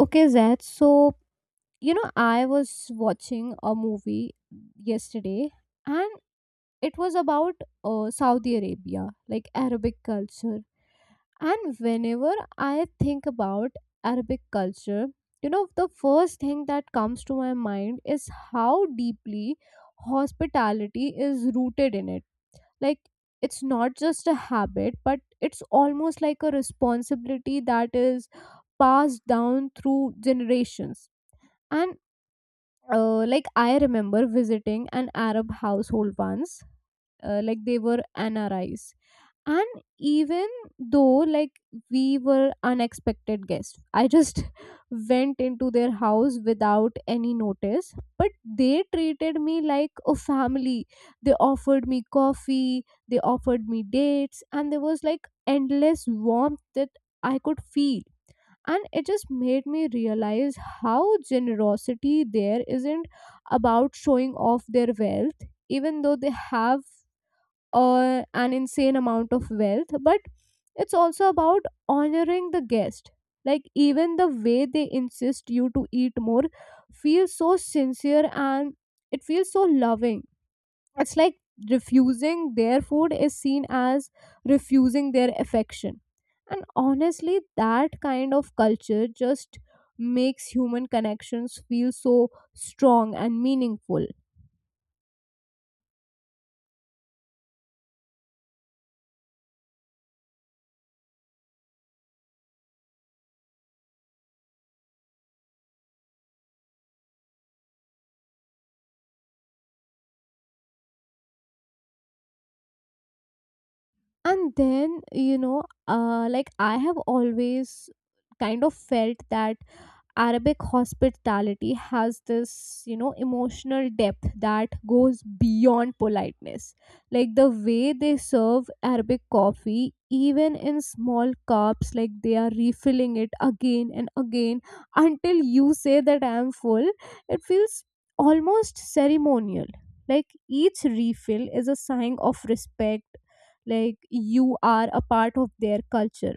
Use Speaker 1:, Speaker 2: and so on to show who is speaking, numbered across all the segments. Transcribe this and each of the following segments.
Speaker 1: Okay, Zed. I was watching a movie yesterday and it was about Saudi Arabia, like Arabic culture. And whenever I think about Arabic culture, the first thing that comes to my mind is how deeply hospitality is rooted in it. Like, it's not just a habit, but it's almost like a responsibility that is passed down through generations. And like I remember visiting an Arab household once, like they were NRIs. And even though like we were unexpected guests, I just went into their house without any notice. But they treated me like a family. They offered me coffee, they offered me dates, and there was like endless warmth that I could feel, and it just made me realize how generosity there isn't about showing off their wealth. Even though they have an insane amount of wealth, but it's also about honoring the guest. Like even the way they insist you to eat more feels so sincere and it feels so loving. It's like refusing their food is seen as refusing their affection. And honestly, that kind of culture just makes human connections feel so strong and meaningful. And then, you know, like I have always kind of felt that Arabic hospitality has this, emotional depth that goes beyond politeness. Like the way they serve Arabic coffee, even in small cups, like they are refilling it again and again until you say that I am full, it feels almost ceremonial. Like each refill is a sign of respect, like you are a part of their culture.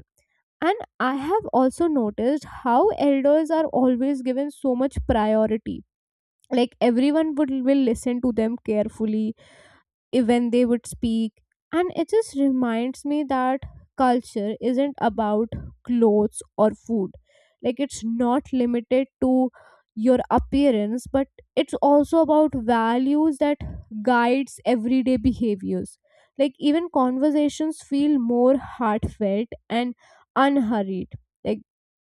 Speaker 1: And I have also noticed how elders are always given so much priority. Like everyone would will listen to them carefully when they would speak, and it just reminds me that culture isn't about clothes or food. Like it's not limited to your appearance, but it's also about values that guides everyday behaviors. Like even conversations feel more heartfelt and unhurried. Like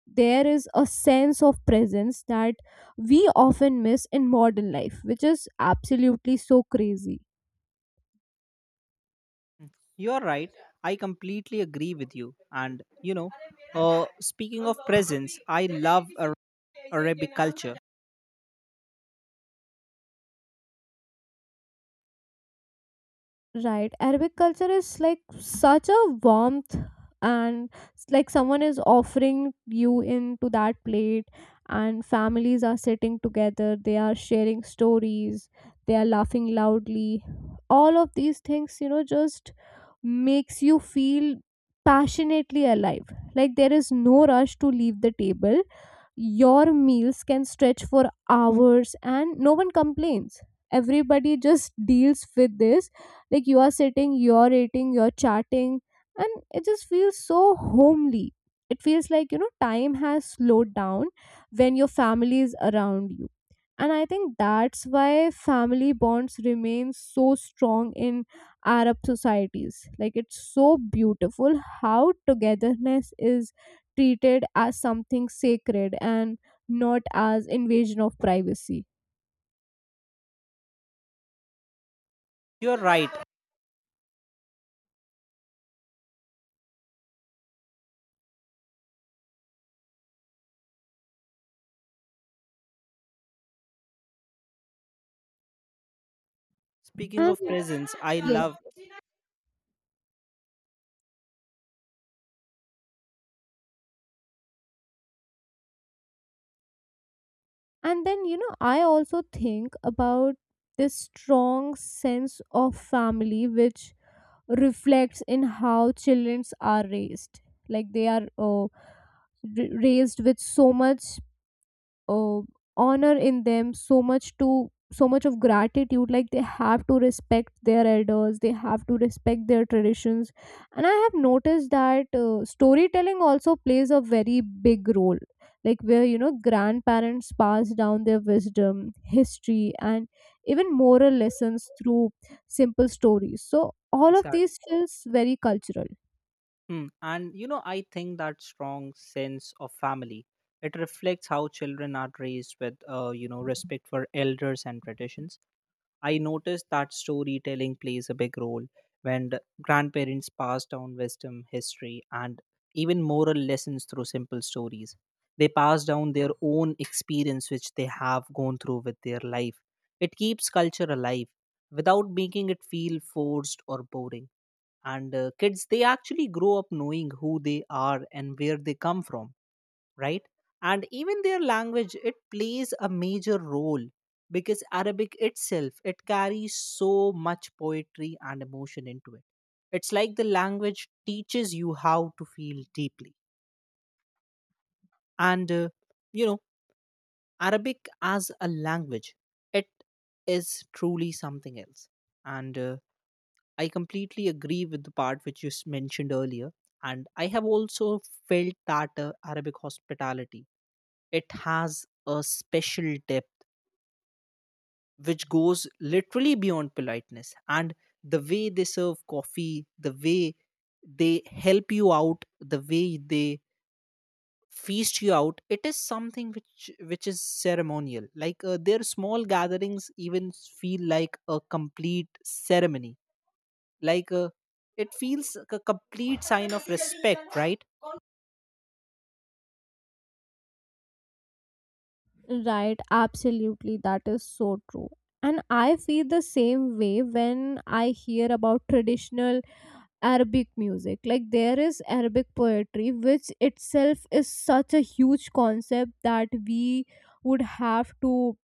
Speaker 1: there is a sense of presence that we often miss in modern life, which is absolutely so crazy.
Speaker 2: You're right. I completely agree with you. And speaking of presents, I love Arabic culture.
Speaker 1: Right. Arabic culture is like such a warmth, and it's like someone is offering you into that plate and families are sitting together, they are sharing stories, they are laughing loudly. All of these things, just makes you feel passionately alive. Like there is no rush to leave the table. Your meals can stretch for hours and no one complains. Everybody just deals with this. Like you are sitting, you're eating, you're chatting, and it just feels so homely. It feels like, time has slowed down when your family is around you. And I think that's why family bonds remain so strong in Arab societies. Like it's so beautiful how togetherness is treated as something sacred and not as invasion of privacy.
Speaker 2: You're right. Speaking
Speaker 1: And
Speaker 2: of presents, I
Speaker 1: yes,
Speaker 2: love.
Speaker 1: and then you know, I also think about this strong sense of family which reflects in how children are raised. Like they are raised with so much uh, honor in them, so much to so much of gratitude. Like they have to respect their elders, they have to respect their traditions. And I have noticed that storytelling also plays a very big role, like where you know grandparents pass down their wisdom, history, and even moral lessons through simple stories. So all of
Speaker 2: Exactly.
Speaker 1: these feels very cultural.
Speaker 2: Hmm. And I think that strong sense of family, it reflects how children are raised with respect for elders and traditions. I noticed that storytelling plays a big role when the grandparents pass down wisdom, history, and even moral lessons through simple stories. They pass down their own experience, which they have gone through with their life. It keeps culture alive without making it feel forced or boring. And kids, they actually grow up knowing who they are and where they come from, right? And even their language, it plays a major role because Arabic itself, it carries so much poetry and emotion into it. It's like the language teaches you how to feel deeply. And you know, Arabic as a language, it is truly something else. And I completely agree with the part which you mentioned earlier. And I have also felt that Arabic hospitality. It has a special depth which goes literally beyond politeness. And the way they serve coffee, the way they help you out, the way they feast you out, it is something which is ceremonial. Like their small gatherings even feel like a complete ceremony. Like it feels like a complete sign of respect, right?
Speaker 1: Right, absolutely. That is so true. And I feel the same way when I hear about traditional Arabic music. Like, there is Arabic poetry, which itself is such a huge concept that we would have to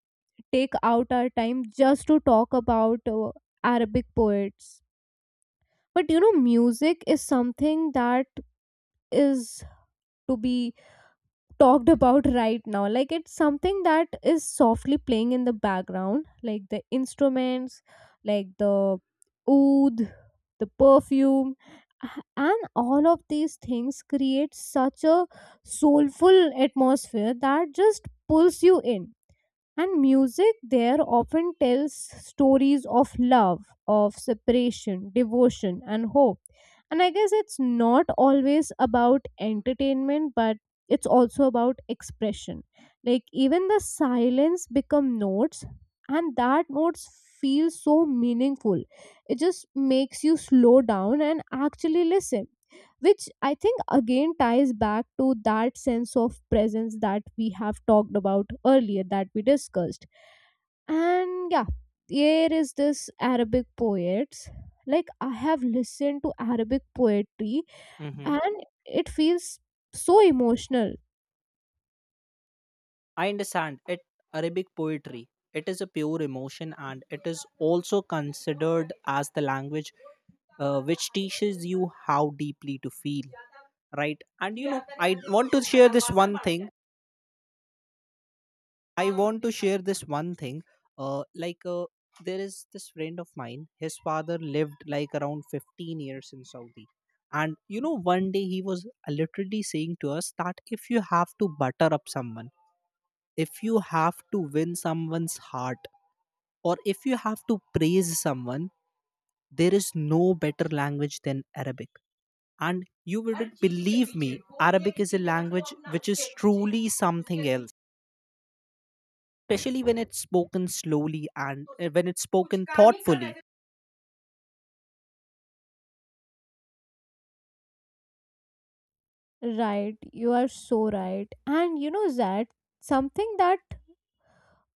Speaker 1: take out our time just to talk about Arabic poets. But you know, music is something that is to be talked about right now. Like it's something that is softly playing in the background, like the instruments, like the oud, the perfume, a- and all of these things create such a soulful atmosphere that just pulls you in. And music there often tells stories of love, of separation, devotion, and hope. And I guess it's not always about entertainment, but it's also about expression. Like even the silence become notes, and that notes feel so meaningful. It just makes you slow down and actually listen, which I think again ties back to that sense of presence that we have talked about earlier, that we discussed. And yeah, here is this Arabic poets. Like I have listened to Arabic poetry,
Speaker 2: Hmm.
Speaker 1: and it feels so emotional.
Speaker 2: I understand it. Arabic poetry. It is a pure emotion and it is also considered as the language which teaches you how deeply to feel, right? And you know, I want to share this one thing. I want to share this one thing. Uh, like uh, there is this friend of mine. His father lived like around 15 years in Saudi, and one day he was literally saying to us that if you have to butter up someone, if you have to win someone's heart, or if you have to praise someone, there is no better language than Arabic. And you wouldn't believe me, Arabic is a language which is truly something else, especially when it's spoken slowly and when it's spoken thoughtfully.
Speaker 1: Right, you are so right. And you know, that something that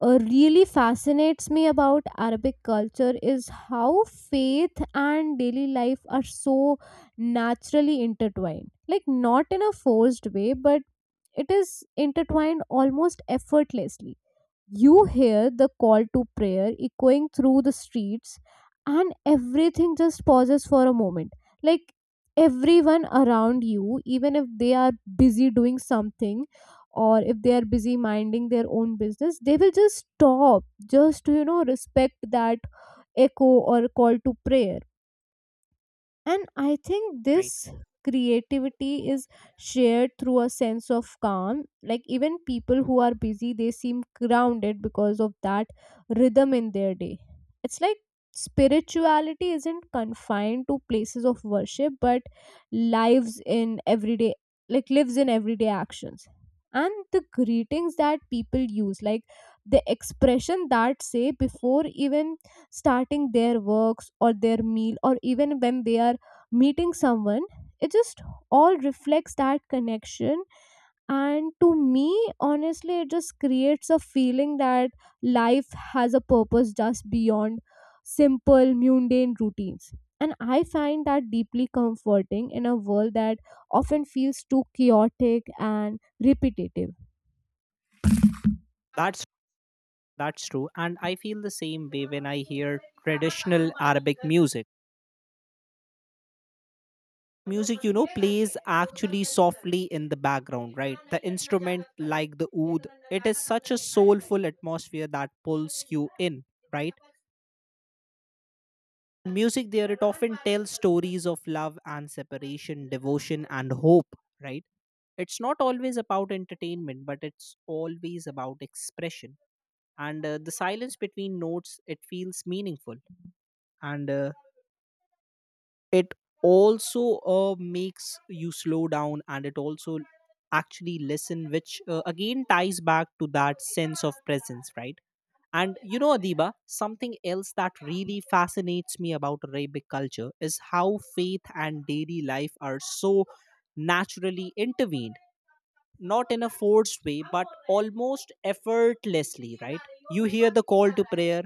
Speaker 1: really fascinates me about Arabic culture is how faith and daily life are so naturally intertwined. Like, not in a forced way, but it is intertwined almost effortlessly. You hear the call to prayer echoing through the streets, and everything just pauses for a moment. Like everyone around you, even if they are busy doing something or if they are busy minding their own business, they will just stop just to, respect that echo or call to prayer. And I think
Speaker 2: Right.
Speaker 1: this creativity is shared through a sense of calm. Like, even people who are busy, they seem grounded because of that rhythm in their day. It's like spirituality isn't confined to places of worship, but lives in everyday, lives in everyday actions. And the greetings that people use, like the expression that say before even starting their works or their meal or even when they are meeting someone, it just all reflects that connection. And to me, honestly, it just creates a feeling that life has a purpose just beyond simple mundane routines. And I find that deeply comforting in a world that often feels too chaotic and repetitive.
Speaker 2: That's that's true, and I feel the same way when I hear traditional Arabic music. Music, plays actually softly in the background, right? The instrument like the oud, it is such a soulful atmosphere that pulls you in, right? Music there, it often tells stories of love and separation, devotion and hope, right? It's not always about entertainment, but it's always about expression. And the silence between notes, it feels meaningful. And it also makes you slow down, and it also actually listen, which again ties back to that sense of presence, right? And Adiba, something else that really fascinates me about Arabic culture is how faith and daily life are so naturally intervened, not in a forced way but almost effortlessly, right? You hear the call to prayer.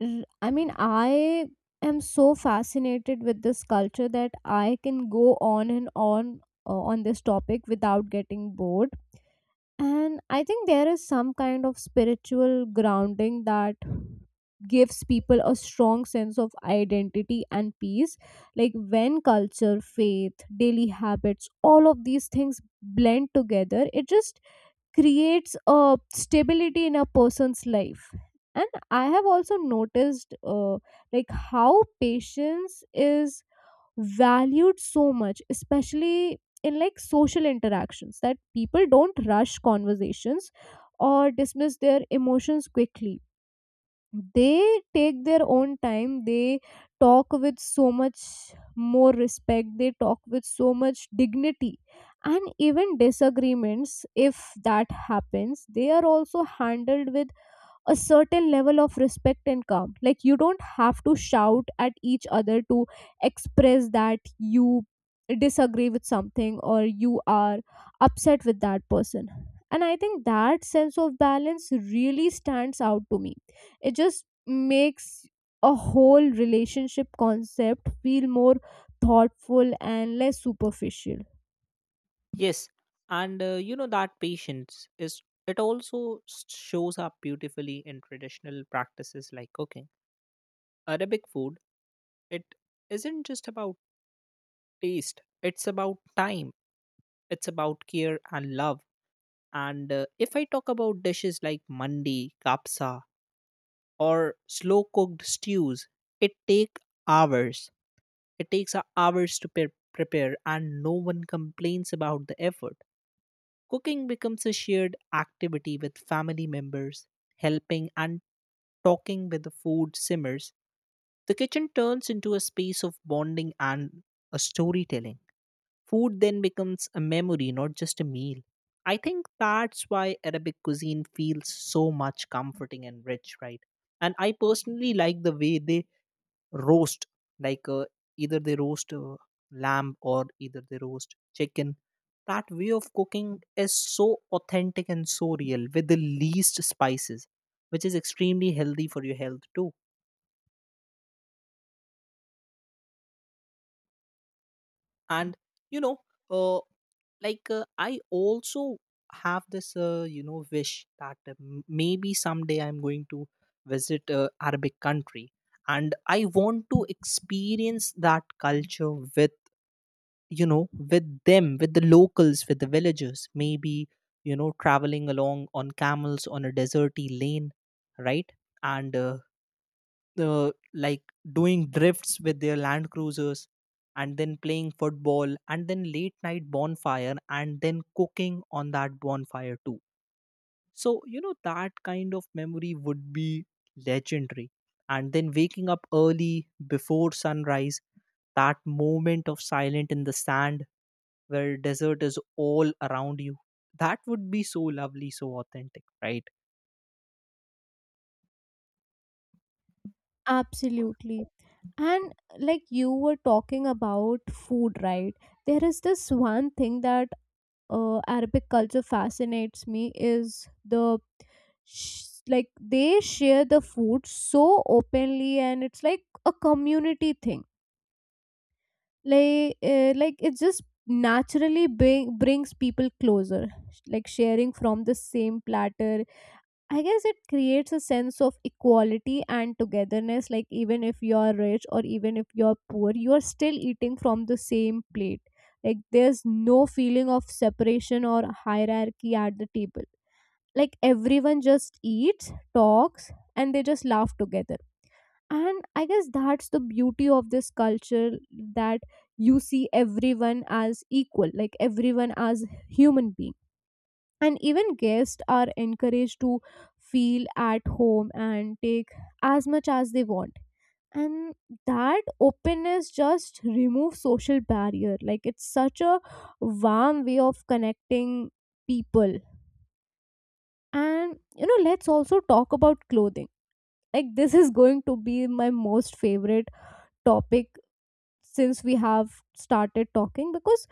Speaker 1: I mean, I am so fascinated with this culture that I can go on and on on this topic without getting bored. And I think there is some kind of spiritual grounding that gives people a strong sense of identity and peace. Like when culture, faith, daily habits, all of these things blend together, it just creates a stability in a person's life. And I have also noticed like how patience is valued so much, especially in like social interactions, that people don't rush conversations or dismiss their emotions quickly. They take their own time, they talk with so much more respect, they talk with so much dignity. And even disagreements, if that happens, they are also handled with a certain level of respect and calm. Like you don't have to shout at each other to express that you disagree with something or you are upset with that person. And I think that sense of balance really stands out to me. It just makes a whole relationship concept feel more thoughtful and less superficial.
Speaker 2: Yes, and you know that patience is, it also shows up beautifully in traditional practices like cooking. Arabic food, it isn't just about taste, it's about time, it's about care and love. And if I talk about dishes like mandi, kapsa, or slow cooked stews, it take hours. It takes hours to prepare, and no one complains about the effort. Cooking becomes a shared activity with family members, helping and talking with the food simmers. The kitchen turns into a space of bonding and a storytelling. Food then becomes a memory, not just a meal. I think that's why Arabic cuisine feels so much comforting and rich, right? And I personally like the way they roast. Like either they roast lamb or either they roast chicken, that way of cooking is so authentic and so real with the least spices, which is extremely healthy for your health too. And you know uh, like I also have this wish that maybe someday I'm going to visit a Arabic country, and I want to experience that culture with with them, with the locals, with the villagers, maybe traveling along on camels on a deserty lane, right? And like doing drifts with their land cruisers, and then playing football, and then late night bonfire, and then cooking on that bonfire too. So that kind of memory would be legendary. And then waking up early before sunrise, that moment of silence in the sand where desert is all around you, that would be so lovely, so authentic, right?
Speaker 1: Absolutely. And like you were talking about food, right? There is this one thing that Arabic culture fascinates me is they share the food so openly, and it's like a community thing. Like it just naturally brings people closer. Like sharing from the same platter, I guess it creates a sense of equality and togetherness. Like, even if you're rich or even if you're poor, you're still eating from the same plate. Like, there's no feeling of separation or hierarchy at the table. Like, everyone just eats, talks, and they just laugh together. And I guess that's the beauty of this culture, that you see everyone as equal, like, everyone as human being. And even guests are encouraged to feel at home and take as much as they want. And that openness just removes social barrier. Like it's such a warm way of connecting people. And you know, let's also talk about clothing. Like this is going to be my most favorite topic since we have started talking, because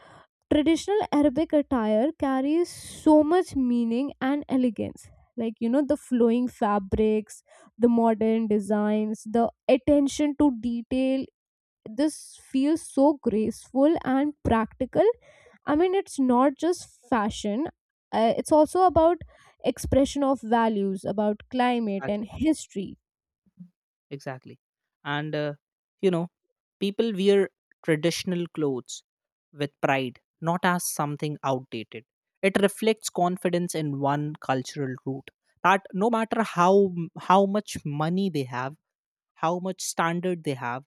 Speaker 1: traditional Arabic attire carries so much meaning and elegance. Like you know, the flowing fabrics, the modern designs, the attention to detail, this feels so graceful and practical. I mean, it's not just fashion, it's also about expression of values, about climate and
Speaker 2: Exactly.
Speaker 1: history.
Speaker 2: Exactly. And you know people wear traditional clothes with pride, not as something outdated. It reflects confidence in one cultural root, that no matter how much money they have, how much standard they have,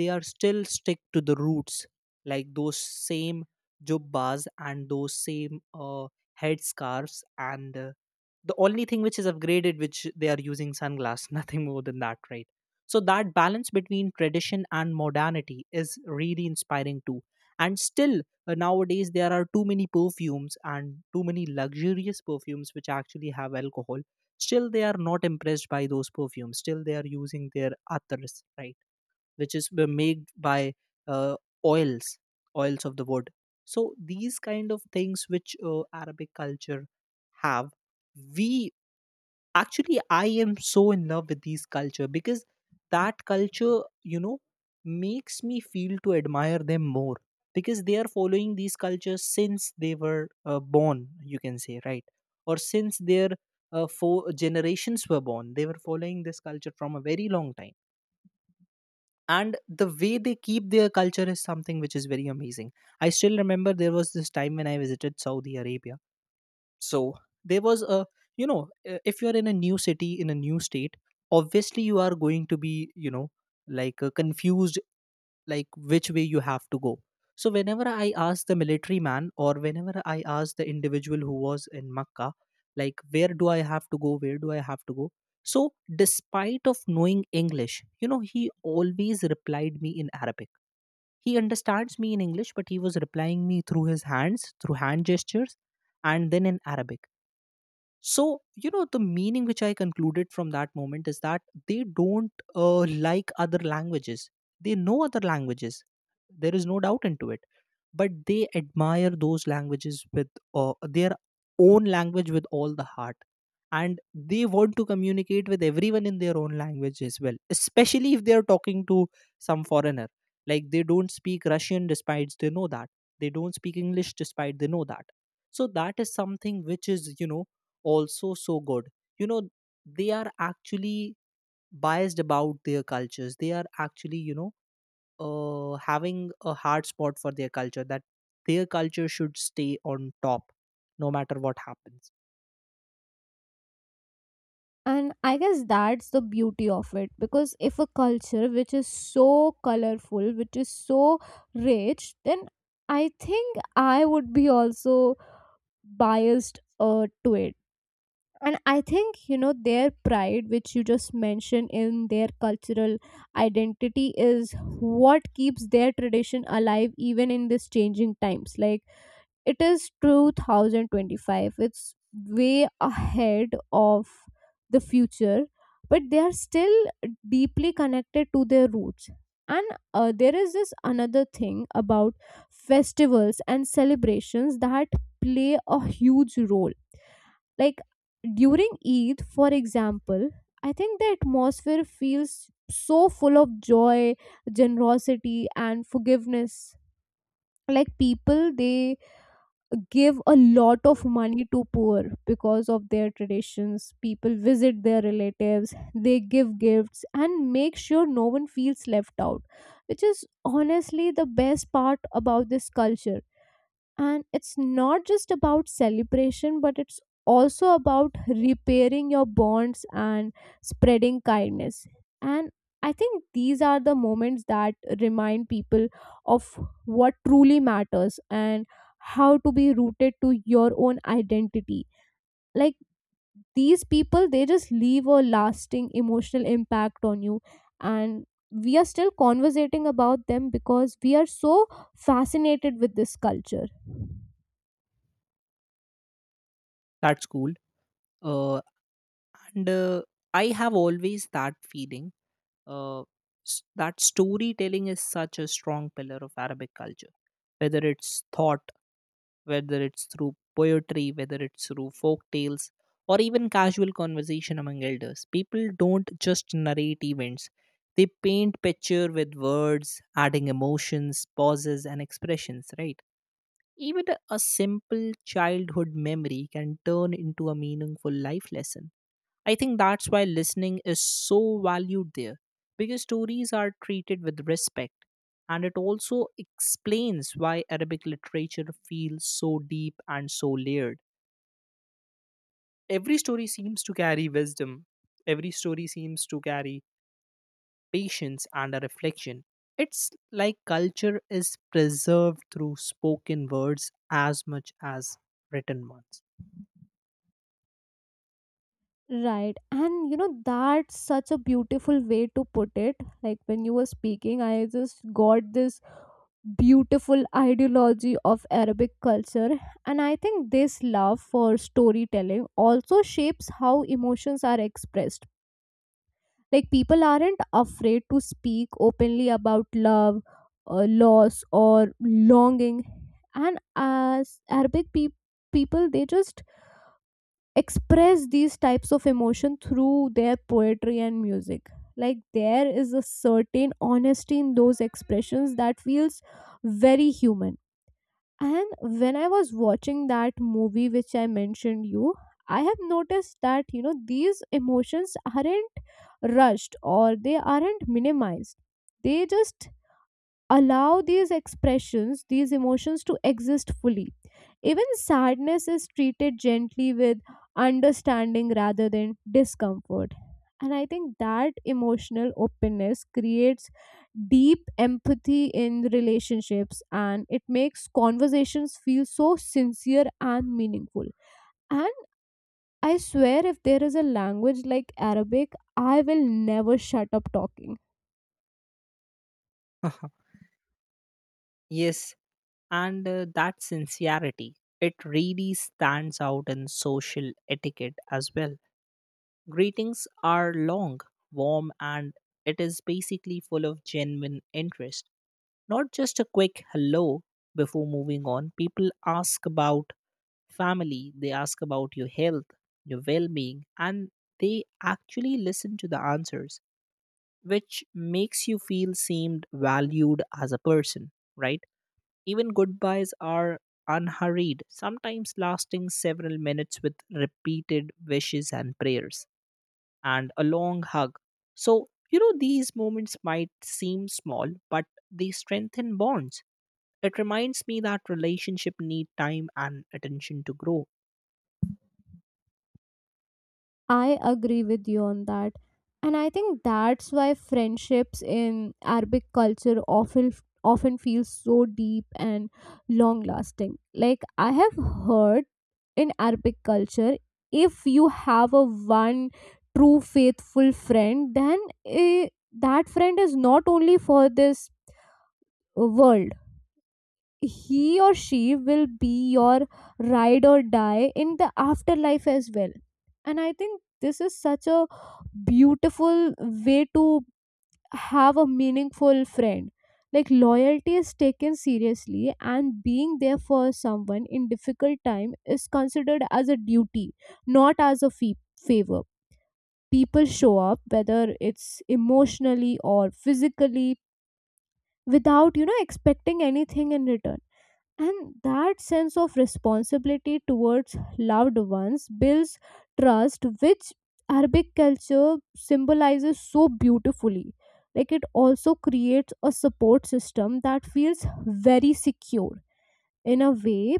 Speaker 2: they are still stick to the roots. Like those same jubbas and those same headscarves, and the only thing which is upgraded which they are using, sunglass nothing more than that, right? So that balance between tradition and modernity is really inspiring too. And still nowadays there are too many perfumes and too many luxurious perfumes which actually have alcohol. Still they are not impressed by those perfumes, still they are using their attars, right? Which is made by uh, oils oils of the wood. So these kind of things which Arabic culture have, we actually, I am so in love with these culture because that culture, makes me feel to admire them more, because they are following these cultures since they were born, you can say, right? Or since their four generations were born, they were following this culture from a very long time. And the way they keep their culture is something which is very amazing. I still remember there was this time when I visited Saudi Arabia. So there was a, if you are in a new city, in a new state, obviously you are going to be like confused, like which way you have to go. So whenever I asked the military man, or whenever I asked the individual who was in Makkah, like where do I have to go, where do I have to go. So despite of knowing English, he always replied me in Arabic. He understands me in English, but he was replying me through his hands, through hand gestures, and then in Arabic. So, the meaning which I concluded from that moment is that they don't like other languages. They know other languages. There is no doubt into it. But they admire those languages with their own language with all the heart. And they want to communicate with everyone in their own language as well, especially if they are talking to some foreigner. Like they don't speak Russian despite they know that. They don't speak English despite they know that. So that is something which is, also so good. You know, they are actually biased about their cultures. They are actually, having a hard spot for their culture, that their culture should stay on top no matter what happens.
Speaker 1: And I guess that's the beauty of it, because if a culture which is so colorful, which is so rich, then I think I would be also biased to it. And I think, you know, their pride, which you just mentioned in their cultural identity, is what keeps their tradition alive even in these changing times. Like, it is 2025. It's way ahead of the future, but they are still deeply connected to their roots. And there is this another thing about festivals and celebrations that play a huge role, like during Eid, for example. I think the atmosphere feels so full of joy, generosity and forgiveness. Like, people, they give a lot of money to poor because of their traditions. People visit their relatives, they give gifts and make sure no one feels left out, which is honestly the best part about this culture. And it's not just about celebration, but it's also about repairing your bonds and spreading kindness. And I think these are the moments that remind people of what truly matters and how to be rooted to your own identity. Like, these people, they just leave a lasting emotional impact on you, and we are still conversating about them because we are so fascinated with this culture.
Speaker 2: That's cool. Uh, and I have always that feeling, uh, that storytelling is such a strong pillar of Arabic culture, whether it's thought whether it's through poetry, whether it's through folk tales, or even casual conversation among elders. People don't just narrate events, they paint picture with words, adding emotions, pauses, and expressions, right? Even a simple childhood memory can turn into a meaningful life lesson. I think that's why listening is so valued there, because stories are treated with respect. And it also explains why Arabic literature feels so deep and so layered. Every story seems to carry wisdom, every story seems to carry patience and a reflection. It's like culture is preserved through spoken words as much as written ones.
Speaker 1: Right. And you know, that's such a beautiful way to put it. Like, when you were speaking, I just got this beautiful ideology of Arabic culture. And I think this love for storytelling also shapes how emotions are expressed. Like, people aren't afraid to speak openly about love, loss, or longing. And as people, they just express these types of emotion through their poetry and music. Like, there is a certain honesty in those expressions that feels very human. And when I was watching that movie which I mentioned you, I have noticed that, you know, these emotions aren't rushed or they aren't minimized. They just allow these expressions, these emotions to exist fully. Even sadness is treated gently, with understanding rather than discomfort. And I think that emotional openness creates deep empathy in relationships, and it makes conversations feel so sincere and meaningful. And I swear, if there is a language like Arabic, I will never shut up talking.
Speaker 2: Yes, and that sincerity, it really stands out in social etiquette as well. Greetings are long, warm, and it is basically full of genuine interest, not just a quick hello before moving on. People ask about family, they ask about your health, your well-being, and they actually listen to the answers, which makes you feel seemed valued as a person, right? Even goodbyes are unhurried, sometimes lasting several minutes with repeated wishes and prayers, and a long hug. So, these moments might seem small, but they strengthen bonds. It reminds me that relationship need time and attention to grow.
Speaker 1: I agree with you on that. And I think that's why friendships in Arabic culture often feel so deep and long lasting. Like, I have heard in Arabic culture, if you have a one true faithful friend, then eh, that friend is not only for this world. He or she will be your ride or die in the afterlife as well. And I think this is such a beautiful way to have a meaningful friend. Like, loyalty is taken seriously, and being there for someone in difficult time is considered as a duty, not as a favor. People show up, whether it's emotionally or physically, without, you know, expecting anything in return. And that sense of responsibility towards loved ones builds trust, which Arabic culture symbolizes so beautifully. Like, it also creates a support system that feels very secure. In a way,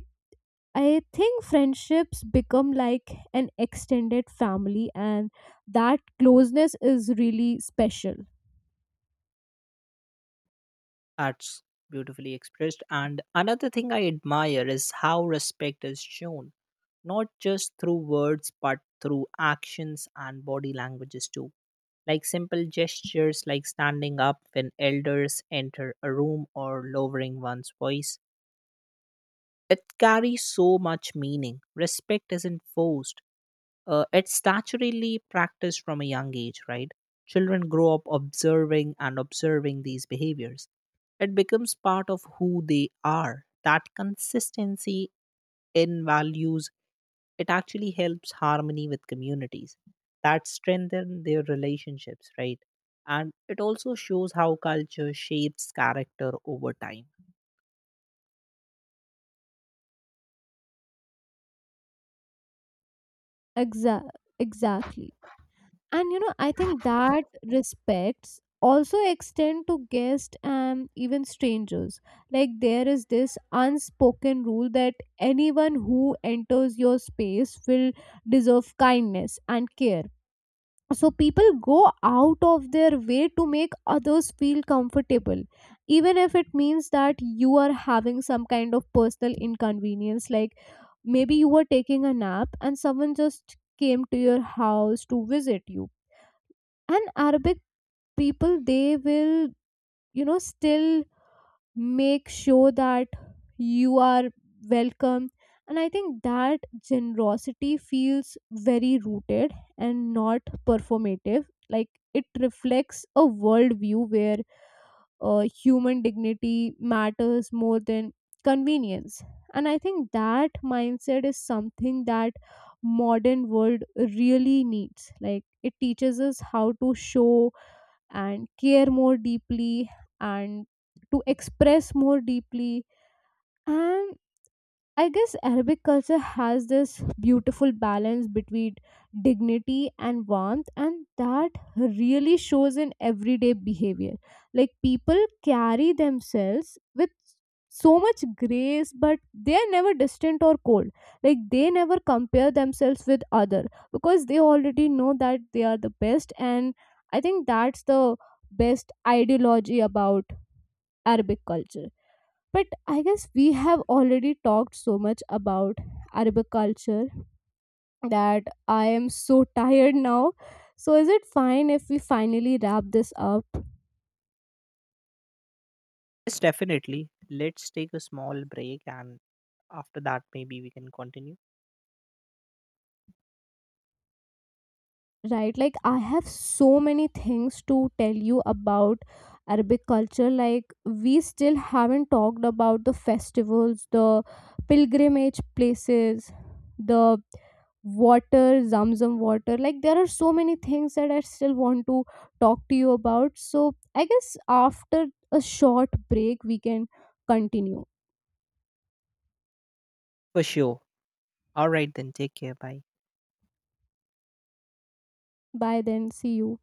Speaker 1: I think friendships become like an extended family, and that closeness is really special.
Speaker 2: That's beautifully expressed. And another thing I admire is how respect is shown, not just through words, but through actions and body languages too, like simple gestures like standing up when elders enter a room or lowering one's voice. It carries so much meaning. Respect isn't forced, it's statutorily practiced from a young age, right? Children grow up observing these behaviors. It becomes part of who they are. That consistency in values, it actually helps harmony with communities that strengthen their relationships, right? And it also shows how culture shapes character over time.
Speaker 1: Exa- exactly. And you know, I think that respects also extend to guests and even strangers. Like, there is this unspoken rule that anyone who enters your space will deserve kindness and care. So people go out of their way to make others feel comfortable, even if it means that you are having some kind of personal inconvenience. Like, maybe you were taking a nap and someone just came to your house to visit you, and Arabic people, they will, you know, still make sure that you are welcome. And I think that generosity feels very rooted and not performative. Like, it reflects a worldview where human dignity matters more than convenience. And I think that mindset is something that modern world really needs. Like, it teaches us how to show and care more deeply, and to express more deeply. And I guess Arabic culture has this beautiful balance between dignity and warmth, and that really shows in everyday behavior. Like, people carry themselves with so much grace, but they are never distant or cold. Like, they never compare themselves with other because they already know that they are the best. And I think that's the best ideology about Arabic culture. But I guess we have already talked so much about arboriculture that I am so tired now. So is it fine if we finally wrap this up?
Speaker 2: Yes, definitely. Let's take a small break and after that, maybe we can continue.
Speaker 1: Right, like I have so many things to tell you about Arabic culture. Like, we still haven't talked about the festivals, the pilgrimage places, the water, Zamzam water. Like, there are so many things that I still want to talk to you about. So, I guess after a short break, we can continue.
Speaker 2: For sure. All right, then take care. Bye.
Speaker 1: Bye then, see you.